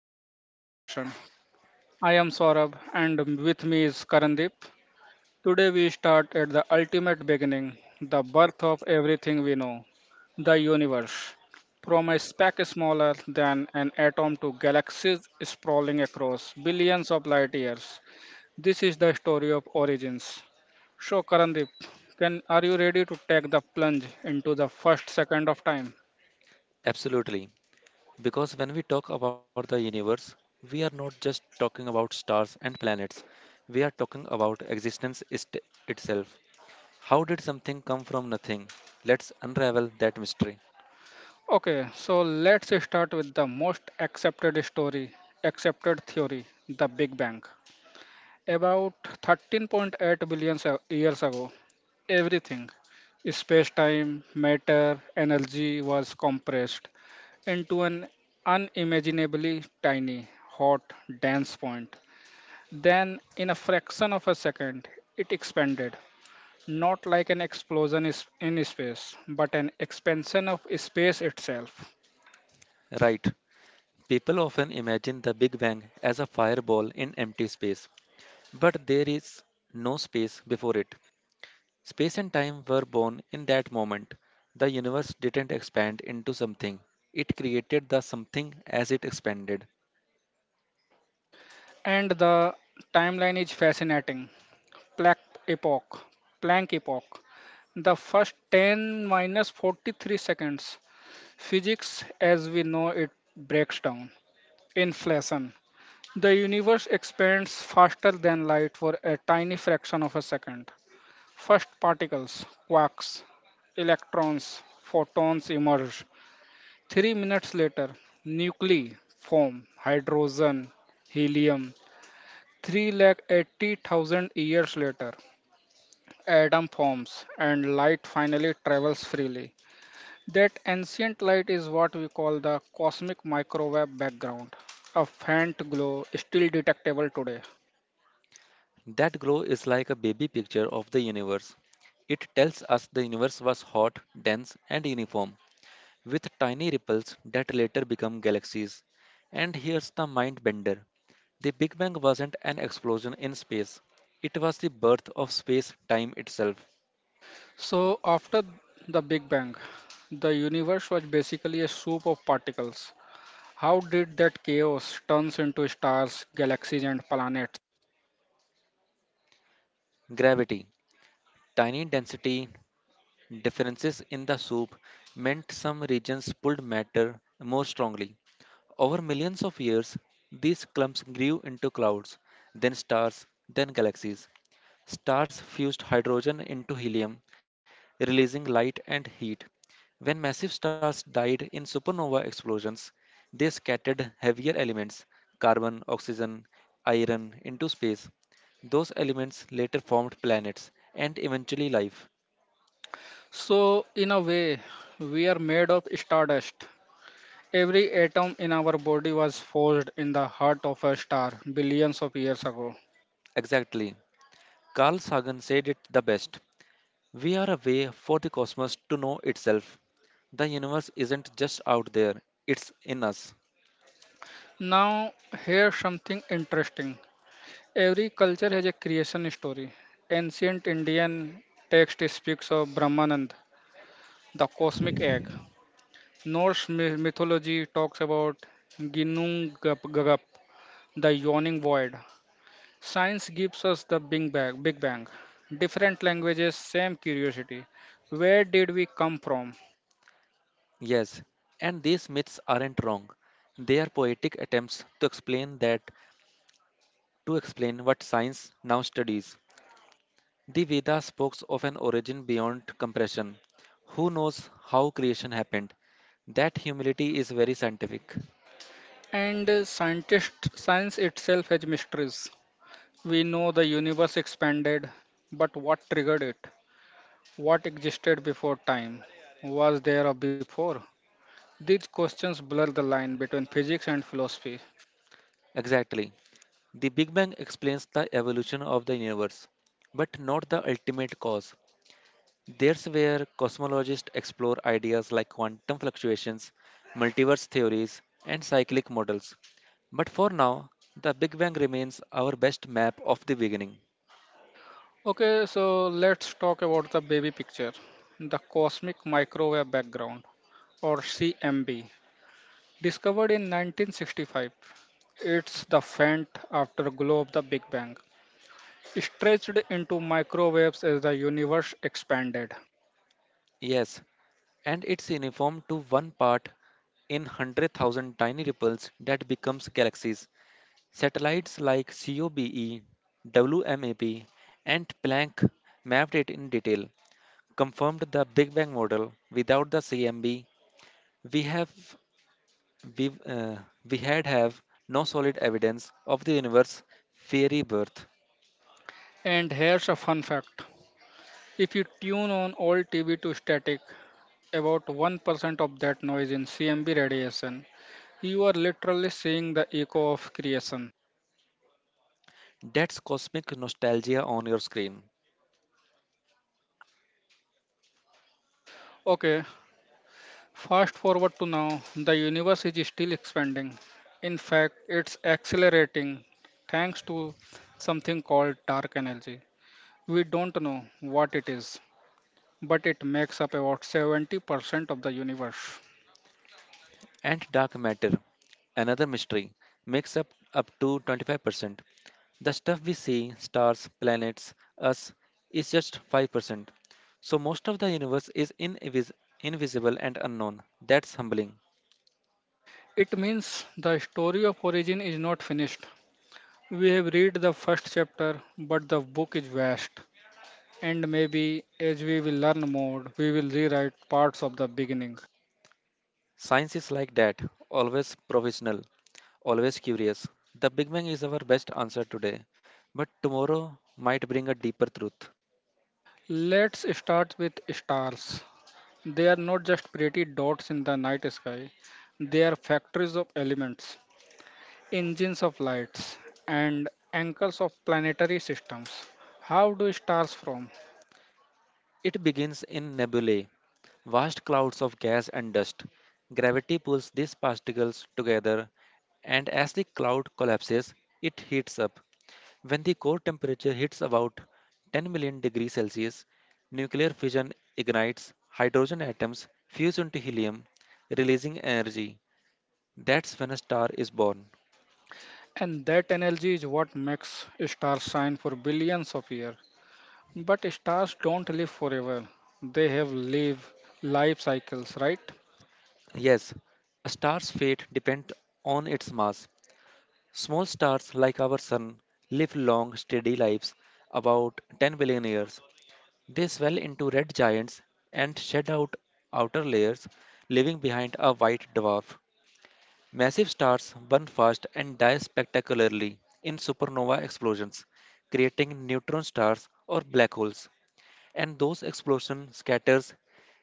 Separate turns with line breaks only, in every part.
Cosmic Conversation. I am Saurabh and with me is Karandeep. Today we start at the ultimate beginning, the birth of everything we know, the universe. From a speck smaller than an atom to galaxies sprawling across billions of light years, this is the story of origins. So Karandeep, can are you ready to take the plunge into the first second of time?
Absolutely. Because when we talk about the universe, we are not just talking about stars and planets, we are talking about existence itself. How did something come from nothing? Let's unravel that mystery.
Okay, so let's start with the most accepted theory, the Big Bang. About 13.8 billion years ago, everything, space time, matter, energy was compressed into an unimaginably tiny, hot, dense point. Then, in a fraction of a second, it expanded, not like an explosion is in space, but an expansion of space itself.
Right. People often imagine the Big Bang as a fireball in empty space, but there is no space before it. Space and time were born in that moment. The universe didn't expand into something, it created the something as it expanded.
And the timeline is fascinating. Planck epoch. Planck epoch. The first 10 minus 43 seconds. Physics as we know it breaks down. Inflation. The universe expands faster than light for a tiny fraction of a second. First particles, quarks, electrons, photons emerge. 3 minutes later, nuclei form, hydrogen, helium, 380,000 years later, atom forms and light finally travels freely. That ancient light is what we call the cosmic microwave background, a faint glow still detectable today.
That glow is like a baby picture of the universe. It tells us the universe was hot, dense, and uniform, with tiny ripples that later become galaxies. And here's the mind bender, the Big Bang wasn't an explosion in space, it was the birth of space time itself.
So, after the Big Bang, the universe was basically a soup of particles. How did that chaos turns into stars, galaxies, and planets?
Gravity, tiny density differences in the soup meant some regions pulled matter more strongly. Over millions of years, these clumps grew into clouds, then stars, then galaxies. Stars fused hydrogen into helium, releasing light and heat. When massive stars died in supernova explosions, they scattered heavier elements, carbon, oxygen, iron, into space. Those elements later formed planets and eventually life.
So, in a way, we are made of stardust. Every atom in our body was forged in the heart of a star billions of years ago.
Exactly. Carl Sagan said it the best, we are a way for the cosmos to know itself. The universe isn't just out there, it's in us.
Now, here's something interesting. Every culture has a creation story. Ancient Indian text speaks of Brahmanand, the cosmic egg. Mythology talks about Ginnung Gagap, the yawning void. Science gives us the Big Bang. Different languages, same curiosity. Where did we come from?
Yes, and these myths aren't wrong. They are poetic attempts to explain that, to explain what science now studies. The Vedas spoke of an origin beyond compression. Who knows how creation happened? That humility is very scientific.
And scientist science itself has mysteries. We know the universe expanded, but what triggered it? What existed before time? Was there a before? These questions blur the line between physics and philosophy.
Exactly. The Big Bang explains the evolution of the universe, but not the ultimate cause. There's where cosmologists explore ideas like quantum fluctuations, multiverse theories, and cyclic models. But for now, the Big Bang remains our best map of the beginning.
Okay, so let's talk about the baby picture, the cosmic microwave background, or CMB, discovered in 1965. It's the faint afterglow of the Big Bang, stretched into microwaves as the universe expanded.
Yes, and it's uniform to one part in 100,000, tiny ripples that becomes galaxies. Satellites like COBE, WMAP, and Planck mapped it in detail, confirmed the Big Bang model. Without the CMB, we have we uh, we had have no solid evidence of the universe fairy birth.
And here's a fun fact: if you tune on old TV to static, about 1% of that noise in CMB radiation, you are literally seeing the echo of creation.
That's cosmic nostalgia on your screen.
Okay, fast forward to now, the universe is still expanding. In fact, it's accelerating thanks to something called dark energy. We don't know what it is, but it makes up about 70% of the universe.
And dark matter, another mystery, makes up to 25%. The stuff we see, stars, planets, us, is just 5%. So most of the universe is invisible and unknown. That's humbling.
It means the story of origin is not finished. We have read the first chapter, but the book is vast. And maybe as we will learn more, we will rewrite parts of the beginning.
Science is like that, always provisional, always curious. The Big Bang is our best answer today, but tomorrow might bring a deeper truth.
Let's start with stars. They are not just pretty dots in the night sky, they are factories of elements, engines of lights, and anchors of planetary systems. How do stars form?
It begins in nebulae, vast clouds of gas and dust. Gravity pulls these particles together, and as the cloud collapses, it heats up. When the core temperature hits about 10 million degrees Celsius, nuclear fission ignites, hydrogen atoms fuse into helium, releasing energy. That's when a star is born.
And that energy is what makes stars shine for billions of years. But stars don't live forever. They have live life cycles, right?
Yes, a star's fate depends on its mass. Small stars like our sun live long, steady lives, about 10 billion years. They swell into red giants and shed outer layers, leaving behind a white dwarf. Massive stars burn fast and die spectacularly in supernova explosions, creating neutron stars or black holes. And those explosion scatters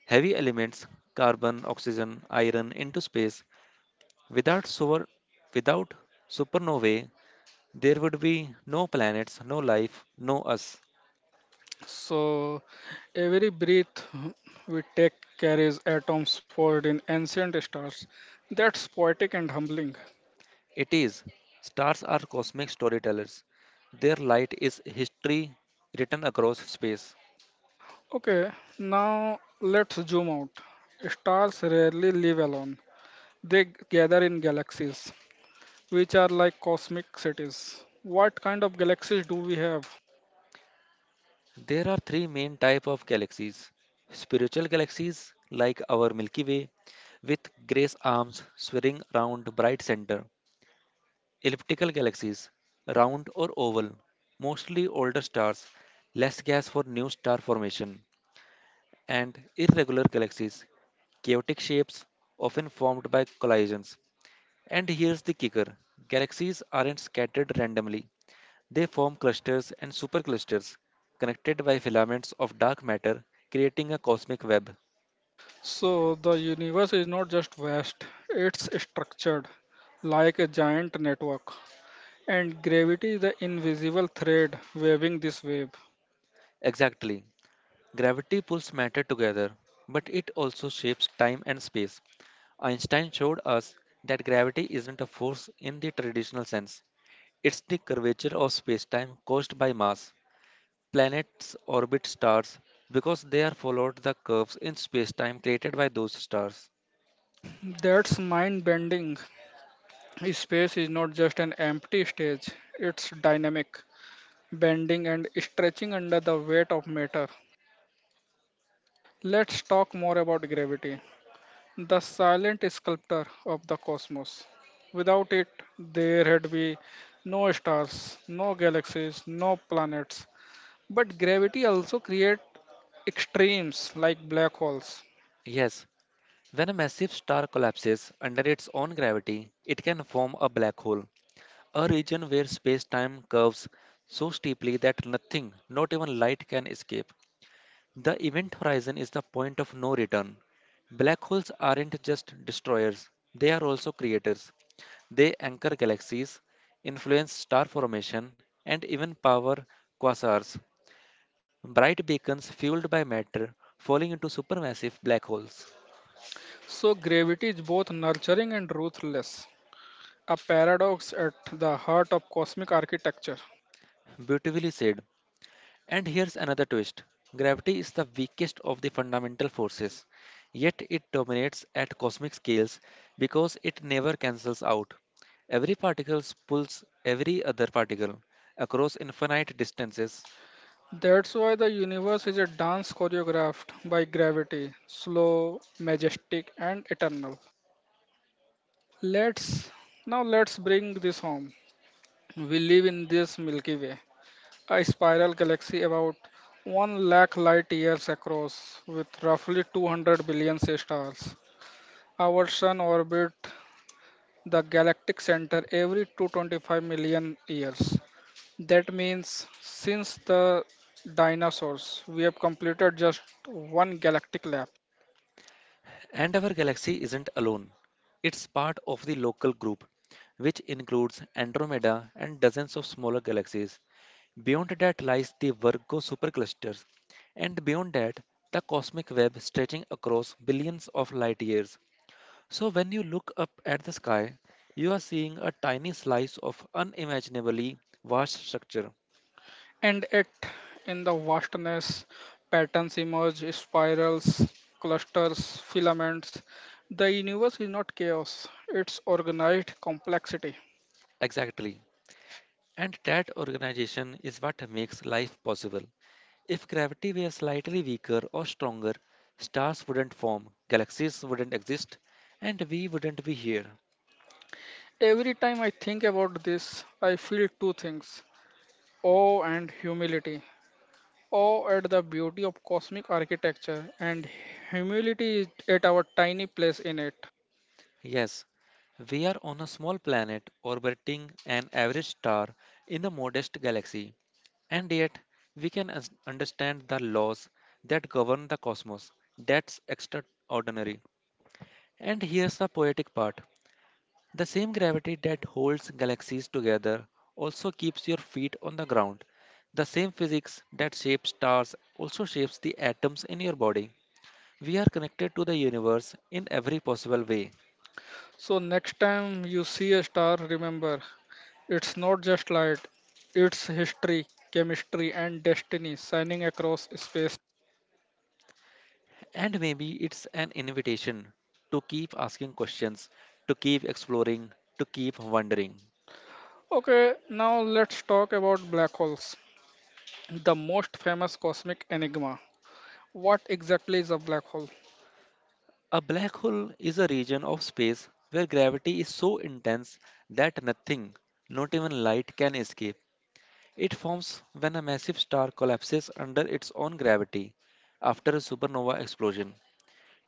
heavy elements, carbon, oxygen, iron, into space. Without solar without supernovae, there would be no planets, no life, no us.
So every breath we take carries atoms forged in ancient stars. That's poetic and humbling.
It is, stars are cosmic storytellers, their light is history written across space.
Okay, now let's zoom out. Stars rarely live alone. They gather in galaxies, which are like cosmic cities. What kind of galaxies do we have?
There are three main type of galaxies: spiritual galaxies like our Milky Way with grace arms swirling around bright center. Elliptical galaxies, round or oval, mostly older stars, less gas for new star formation, and irregular galaxies, chaotic shapes often formed by collisions. And here's the kicker, galaxies aren't scattered randomly, they form clusters and superclusters connected by filaments of dark matter, creating a cosmic web.
So the universe is not just vast, it's structured like a giant network. And gravity is the invisible thread waving this web.
Exactly. Gravity pulls matter together, but it also shapes time and space. Einstein showed us that gravity isn't a force in the traditional sense. It's the curvature of spacetime caused by mass. Planets orbit stars because they are followed the curves in spacetime created by those stars.
That's mind bending. Space is not just an empty stage, it's dynamic, bending and stretching under the weight of matter. Let's talk more about gravity, the silent sculptor of the cosmos. Without it, there had be no stars, no galaxies, no planets. But gravity also creates extremes like black holes.
Yes, when a massive star collapses under its own gravity, it can form a black hole, a region where space-time curves so steeply that nothing, not even light, can escape. The event horizon is the point of no return. Black holes aren't just destroyers, they are also creators. They anchor galaxies, influence star formation, and even power quasars, bright beacons fueled by matter falling into supermassive black holes.
So gravity is both nurturing and ruthless, a paradox at the heart of cosmic architecture.
Beautifully said. And here's another twist, gravity is the weakest of the fundamental forces, yet it dominates at cosmic scales because it never cancels out. Every particle pulls every other particle across infinite distances.
That's why the universe is a dance choreographed by gravity, slow, majestic and eternal. Let's Now let's bring this home. We live in this Milky Way, a spiral galaxy about 1 lakh light years across with roughly 200 billion stars. Our sun orbits the galactic center every 225 million years. That means since the dinosaurs, we have completed just one galactic lap.
And our galaxy isn't alone. It's part of the local group, which includes Andromeda and dozens of smaller galaxies. Beyond that lies the Virgo superclusters, and beyond that, the cosmic web stretching across billions of light years. So, when you look up at the sky, you are seeing a tiny slice of unimaginably vast structure.
And yet, in the vastness, patterns emerge, spirals, clusters, filaments. The universe is not chaos, it's organized complexity.
Exactly. And that organization is what makes life possible. If gravity were slightly weaker or stronger, stars wouldn't form, galaxies wouldn't exist, and we wouldn't be here.
Every time I think about this, I feel two things: awe and humility. Awe at the beauty of cosmic architecture and humility is at our tiny place in it.
Yes, we are on a small planet orbiting an average star in a modest galaxy, and yet we can understand the laws that govern the cosmos. That's extraordinary. And here's the poetic part, the same gravity that holds galaxies together also keeps your feet on the ground. The same physics that shapes stars also shapes the atoms in your body. We are connected to the universe in every possible way.
So, next time you see a star, remember, it's not just light, it's history, chemistry, and destiny shining across space.
And maybe it's an invitation to keep asking questions, to keep exploring, to keep wondering.
Okay, now let's talk about black holes, the most famous cosmic enigma. What exactly is a black hole?
A black hole is a region of space where gravity is so intense that nothing, not even light, can escape. It forms when a massive star collapses under its own gravity after a supernova explosion.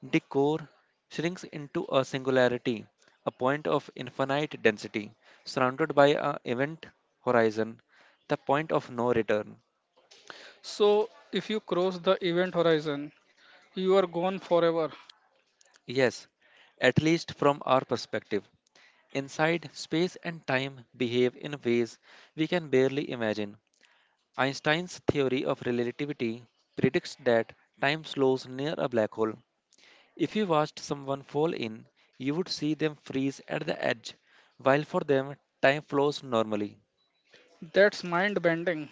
The core shrinks into a singularity, a point of infinite density, surrounded by an event horizon, the point of no return.
So, if you cross the event horizon, you are gone forever.
Yes, at least from our perspective. Inside, space and time behave in ways we can barely imagine. Einstein's theory of relativity predicts that time slows near a black hole. If you watched someone fall in, you would see them freeze at the edge, while for them, time flows normally.
That's mind bending.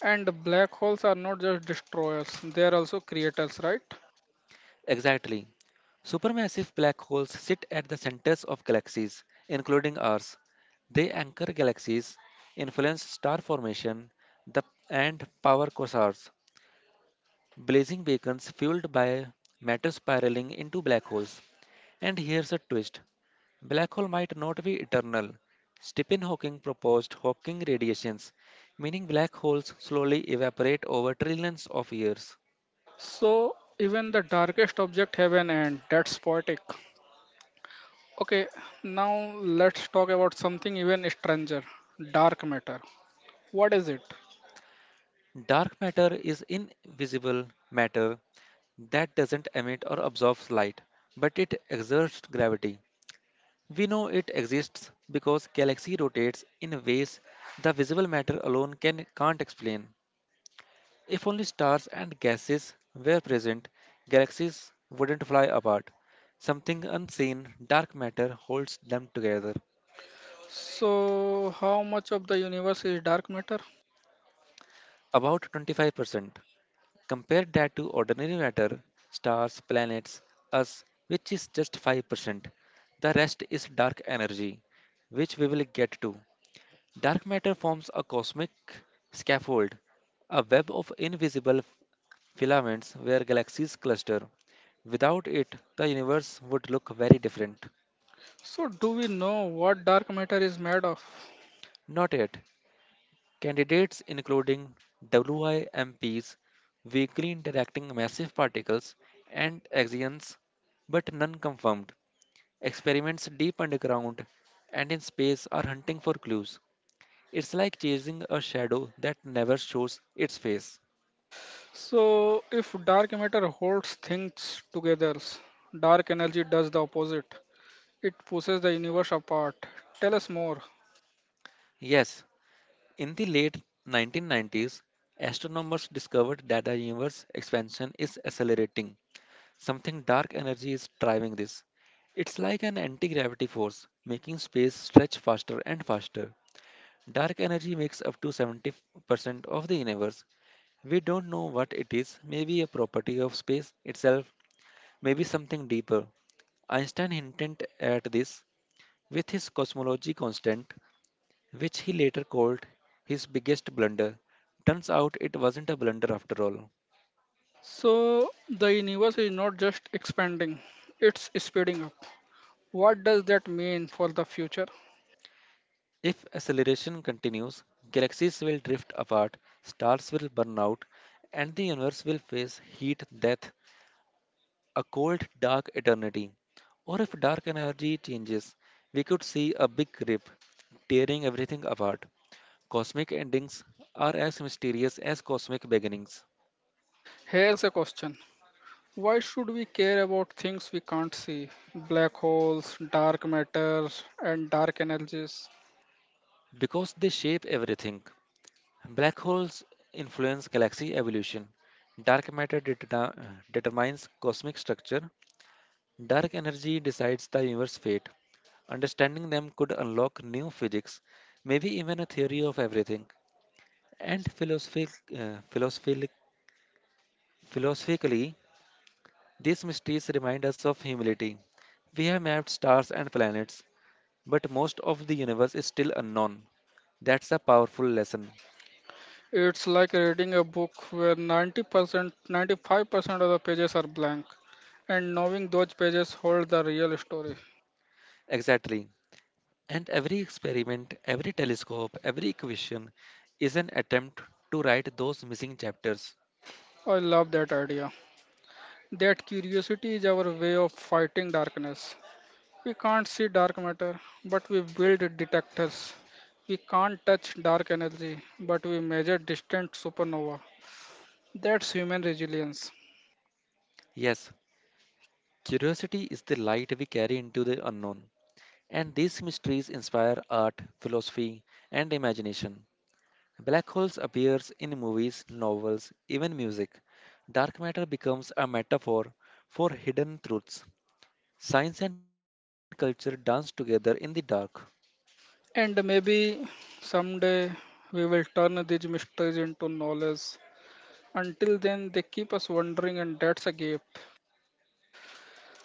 And black holes are not just destroyers, they are also creators, right?
Exactly. Supermassive black holes sit at the centers of galaxies, including ours. They anchor galaxies, influence star formation, the, and power quasars, blazing beacons fueled by matter spiraling into black holes. And here's a twist, black hole might not be eternal. Stephen Hawking proposed Hawking radiations, meaning black holes slowly evaporate over trillions of years.
So even the darkest object have an end. That's poetic. Okay, now let's talk about something even stranger, dark matter. What is it?
Dark matter is invisible matter that doesn't emit or absorb light, but it exerts gravity. We know it exists because galaxy rotates in ways the visible matter alone can't explain. If only stars and gases were present, galaxies wouldn't fly apart. Something unseen, dark matter, holds them together.
So how much of the universe is dark matter?
About 25%. Compare that to ordinary matter, stars, planets, us, which is just 5%. The rest is dark energy, which we will get to. Dark matter forms a cosmic scaffold, a web of invisible filaments where galaxies cluster. Without it, the universe would look very different.
So do we know what dark matter is made of?
Not yet. Candidates including WIMPs, weakly interacting massive particles, and axions, but none confirmed. Experiments deep underground and in space are hunting for clues. It's like chasing a shadow that never shows its face.
So if dark matter holds things together, dark energy does the opposite. It pushes the universe apart. Tell us more.
Yes, in the late 1990s, astronomers discovered that the universe expansion is accelerating. Something dark energy is driving this. It's like an anti-gravity force, making space stretch faster and faster. Dark energy makes up to 70% of the universe. We don't know what it is, maybe a property of space itself, maybe something deeper. Einstein hinted at this with his cosmology constant, which he later called his biggest blunder. Turns out it wasn't a blunder after all.
So the universe is not just expanding, it's speeding up. What does that mean for the future?
If acceleration continues, galaxies will drift apart, stars will burn out, and the universe will face heat death, a cold, dark eternity. Or if dark energy changes, we could see a big rip, tearing everything apart. Cosmic endings are as mysterious as cosmic beginnings,
Here's a question. Why should we care about things we can't see? Black holes, dark matter, and dark energies.
because they shape everything. Black holes influence galaxy evolution. Dark matter determines cosmic structure. Dark energy decides the universe's fate. Understanding them could unlock new physics, maybe even a theory of everything. And uh, philosophic, philosophically, these mysteries remind us of humility. We have mapped stars and planets, but most of the universe is still unknown. That's a powerful lesson.
It's like reading a book where 90%, 95% of the pages are blank, and knowing those pages hold the real story.
Exactly. And every experiment, every telescope, every equation is an attempt to write those missing chapters.
I love that idea. That curiosity is our way of fighting darkness. We can't see dark matter, but we build detectors. We can't touch dark energy, but we measure distant supernova. That's human resilience.
Yes, curiosity is the light we carry into the unknown. And these mysteries inspire art, philosophy, and imagination. Black holes appears in movies, novels, even music. Dark matter becomes a metaphor for hidden truths. Science and culture dance together in the dark.
And maybe someday we will turn these mysteries into knowledge. Until then, they keep us wondering, and that's a gift.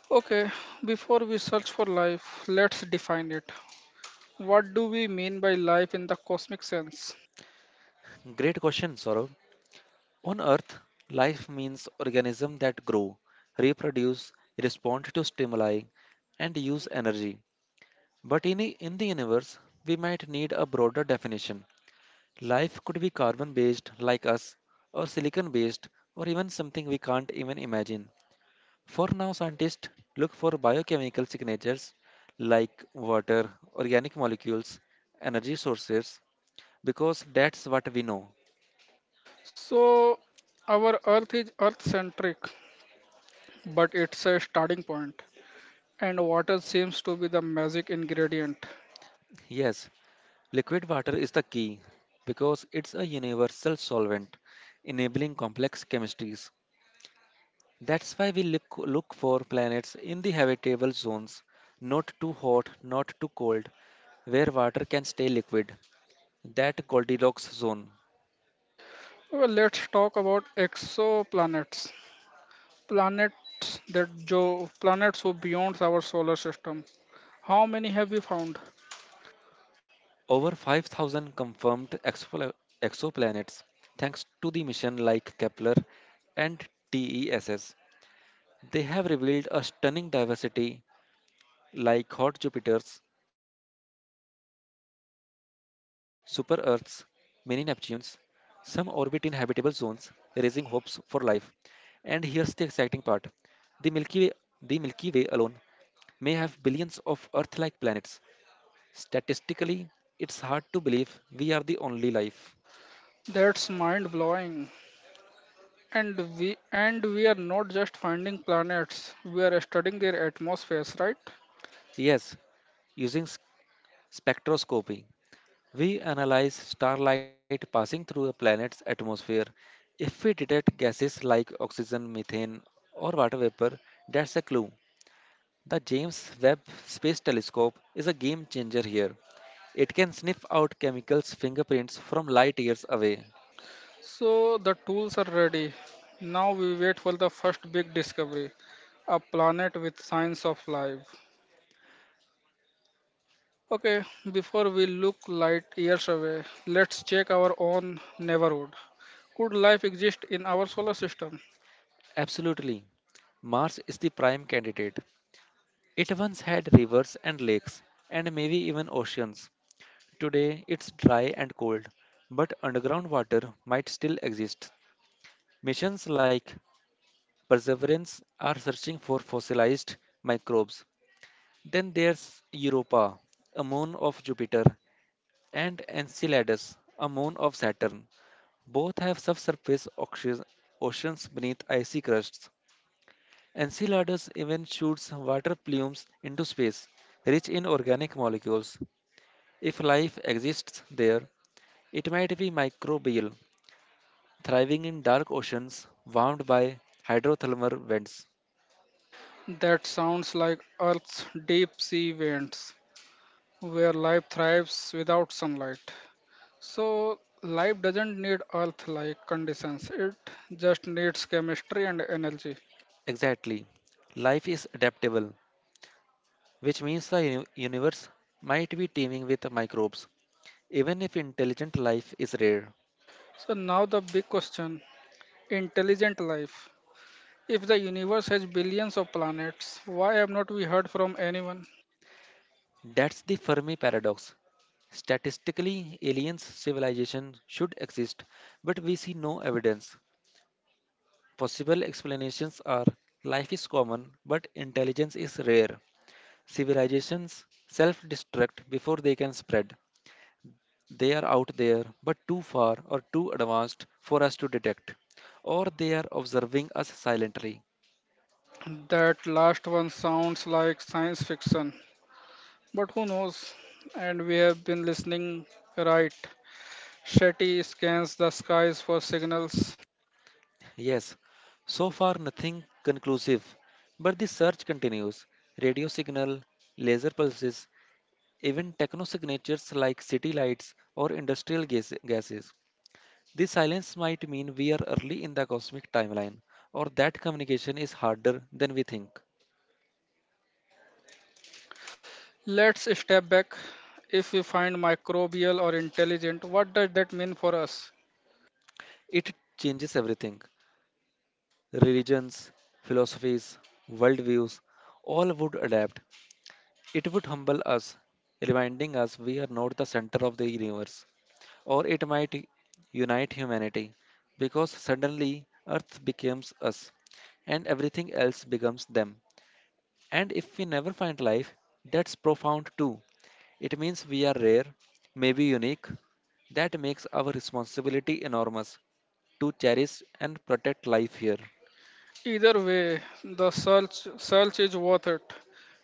Okay, before we search for life, let's define it. What do we mean by life in the cosmic sense?
Great question, Saurav. On Earth, life means organisms that grow, reproduce, respond to stimuli, and use energy. But in the universe, we might need a broader definition. Life could be carbon based, like us, or silicon based, or even something we can't even imagine. For now, scientists look for biochemical signatures like water, organic molecules, energy sources, because that's what we know.
So, our Earth is Earth centric, but it's a starting point, and water seems to be the magic ingredient.
Yes, liquid water is the key because it's a universal solvent, enabling complex chemistries. That's why we look for planets in the habitable zones, not too hot, not too cold, where water can stay liquid. That Goldilocks zone.
Well, let's talk about exoplanets. Planets that jo Planets who beyond our solar system. How many have we found?
Over 5,000 confirmed exoplanets, thanks to the mission like Kepler and TESS. They have revealed a stunning diversity like hot Jupiters, super Earths, mini Neptunes. Some orbit in habitable
Like
zones,
super
raising hopes for life. And here's the exciting part. The Milky Way, the Milky Way alone may have billions of Earth-like planets. Statistically, it's hard to believe we are the only life.
That's mind blowing. And we are not just finding planets, we are studying their atmospheres, right?
Yes, using spectroscopy, we analyze starlight passing through a planet's atmosphere. If we detect gases like oxygen, methane, or water vapor, that's a clue. The James Webb Space Telescope is a game changer here. It can sniff out chemicals' fingerprints from light years away.
So the tools are ready. Now we wait for the first big discovery, a planet with signs of life. Okay, before we look light years away, let's check our own neighborhood. Could life exist in our solar system?
Absolutely. Mars is the prime candidate. It once had rivers and lakes, and maybe even oceans. Today it's dry and cold, but underground water might still exist. Missions like Perseverance are searching for fossilized microbes. Then there's Europa, a moon of Jupiter, and Enceladus, a moon of Saturn. Both have subsurface oceans beneath icy crusts. Enceladus even shoots water plumes into space, rich in organic molecules. If life exists there, it might be microbial, thriving in dark oceans warmed by hydrothermal vents.
That sounds like Earth's deep sea vents, where life thrives without sunlight. So, life doesn't need Earth like conditions, it just needs chemistry and energy.
Exactly. Life is adaptable, which means the universe might be teeming with microbes, even if intelligent life is rare.
So, now the big question: intelligent life. If the universe has billions of planets, why have not we heard from anyone?
That's the Fermi paradox. Statistically, aliens civilization should exist, but we see no evidence. Possible explanations are life is common, but intelligence is rare. Civilizations self destruct before they can spread. They are out there, but too far or too advanced for us to detect, or they are observing us silently.
That last one sounds like science fiction, but who knows? And we have been listening, right. Shetty scans the skies for signals. Let's step back. If we find microbial or intelligent, what does that mean for us? Either way, the search is worth it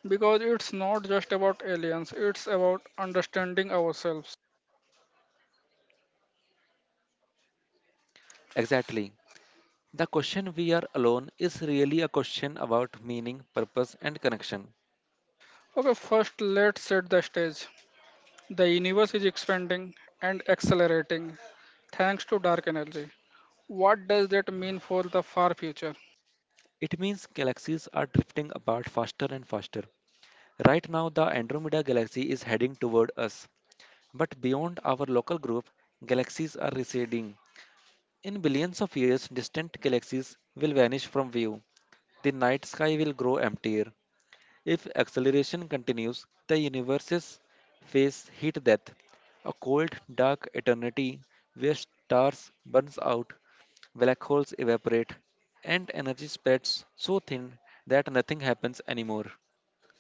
because it's not just about aliens, it's about understanding ourselves. Okay, first let's set the stage. The universe is expanding and accelerating thanks to dark energy. What does that mean for the far future?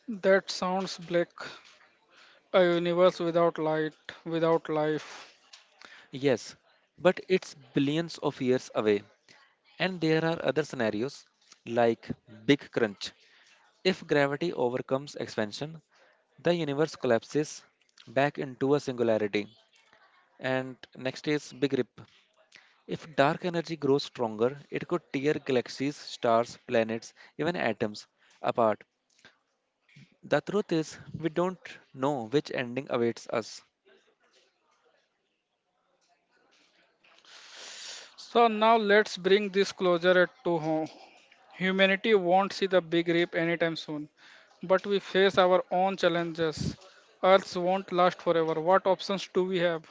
That sounds bleak. A universe without light, without life. So now let's bring this closer at to home. Humanity won't see the big rip anytime soon, but we face our own challenges. Earth won't last forever. What options do we have?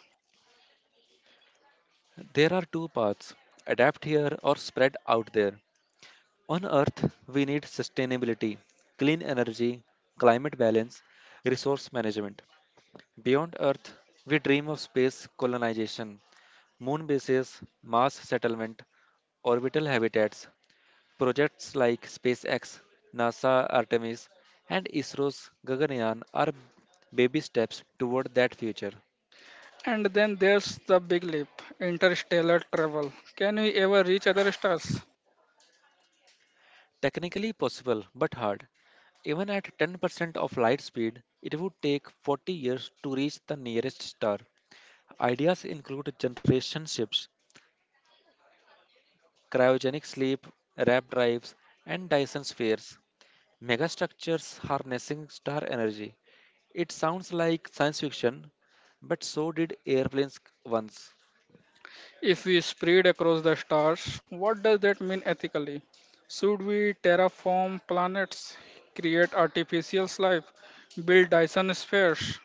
And then there's the big leap, interstellar travel. Can we ever reach other stars? If we spread across the stars, what does that mean ethically? Should we terraform planets, create artificial life, build Dyson spheres?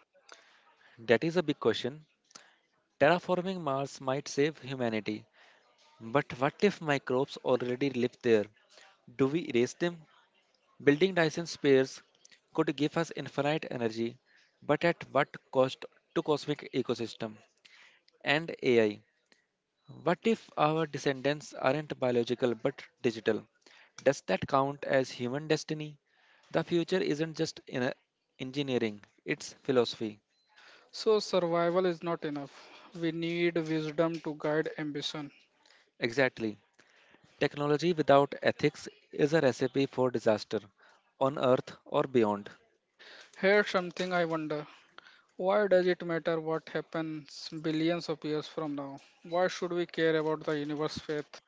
So, survival is not enough. We need wisdom to guide ambition. Here's something I wonder: why does it matter what happens billions of years from now? Why should we care about the universe fate?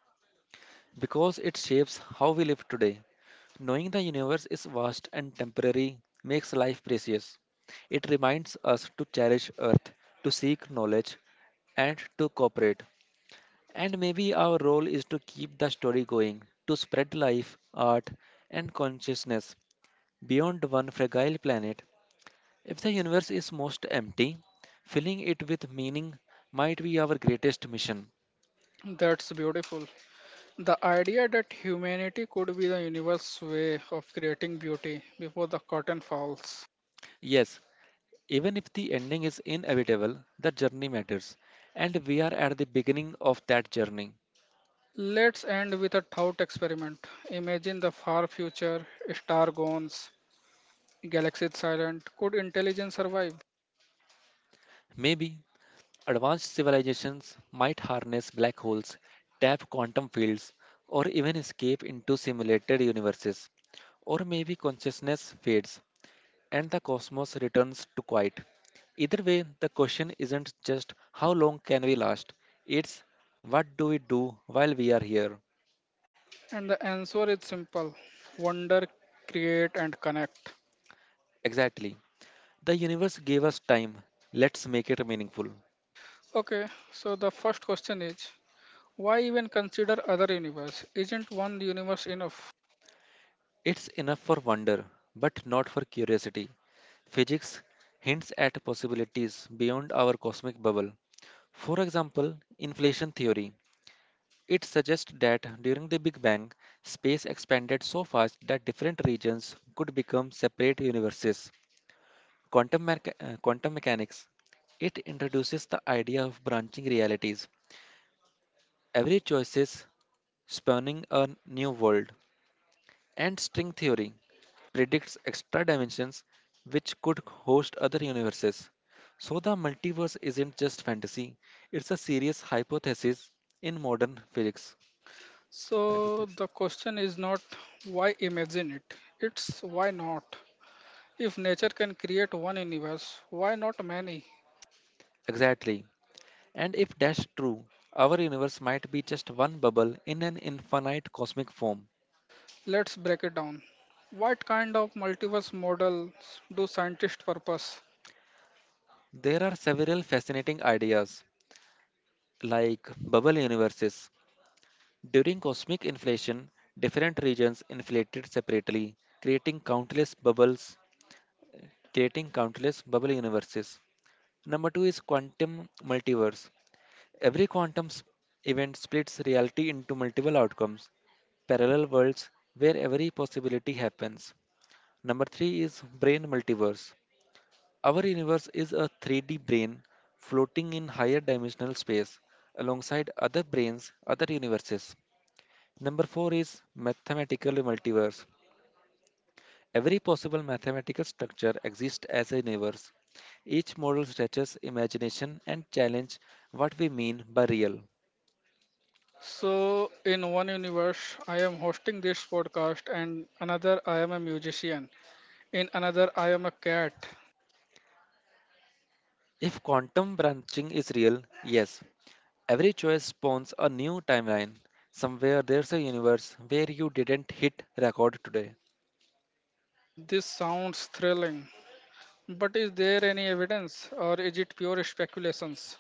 That's beautiful. The idea that humanity could be the universe's way of creating beauty before the curtain falls. Let's end with a thought experiment. Imagine the far future, star gone, galaxies silent. Could intelligence survive? And the answer is simple: wonder, create, and connect. Okay, so the first question is, why even consider other universe? Isn't one universe enough? So the question is not why imagine it, it's why not? If nature can create one universe, why not many? Let's break it down. What kind of multiverse models do scientists purpose? So, in one universe, I am hosting this podcast, and another, I am a musician. In another, I am a cat. This sounds thrilling, but is there any evidence or is it pure speculations?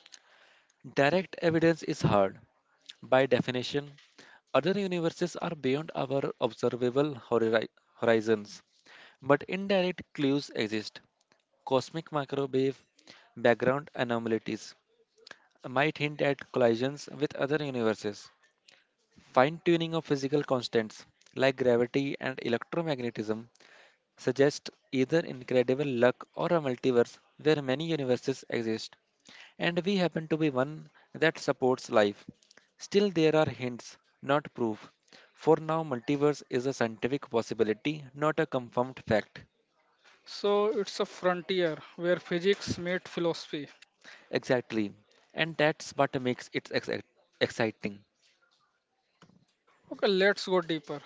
So, it's a frontier where physics meets philosophy. Okay, let's go deeper.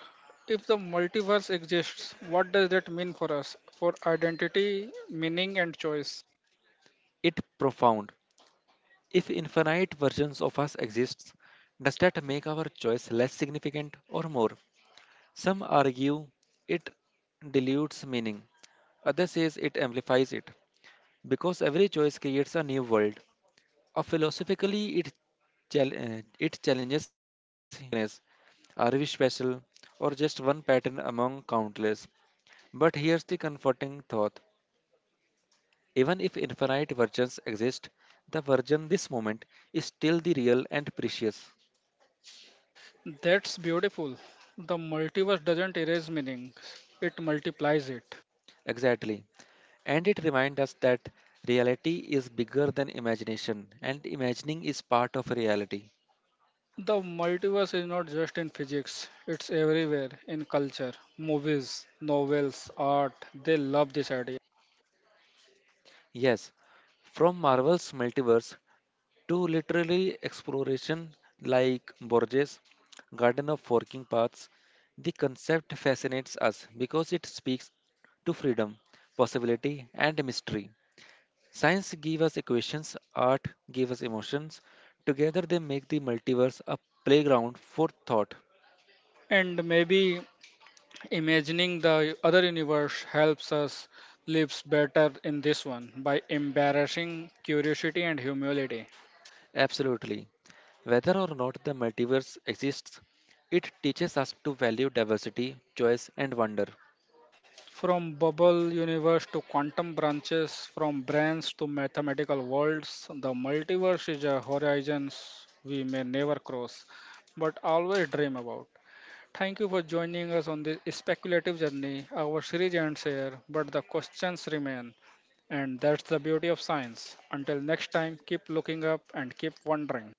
If the multiverse exists, what does that mean for us? For identity, meaning, and choice. That's beautiful. The multiverse doesn't erase meaning, it multiplies it. The multiverse is not just in physics, it's everywhere in culture, movies, novels, art. They love this idea. And maybe imagining the other universe helps us lives better in this one by embarrassing curiosity and humility. From bubble universe to quantum branches, from brains to mathematical worlds, the multiverse is a horizon we may never cross, but always dream about. Thank you for joining us on this speculative journey. Our series ends here, but the questions remain. And that's the beauty of science. Until next time, keep looking up and keep wondering.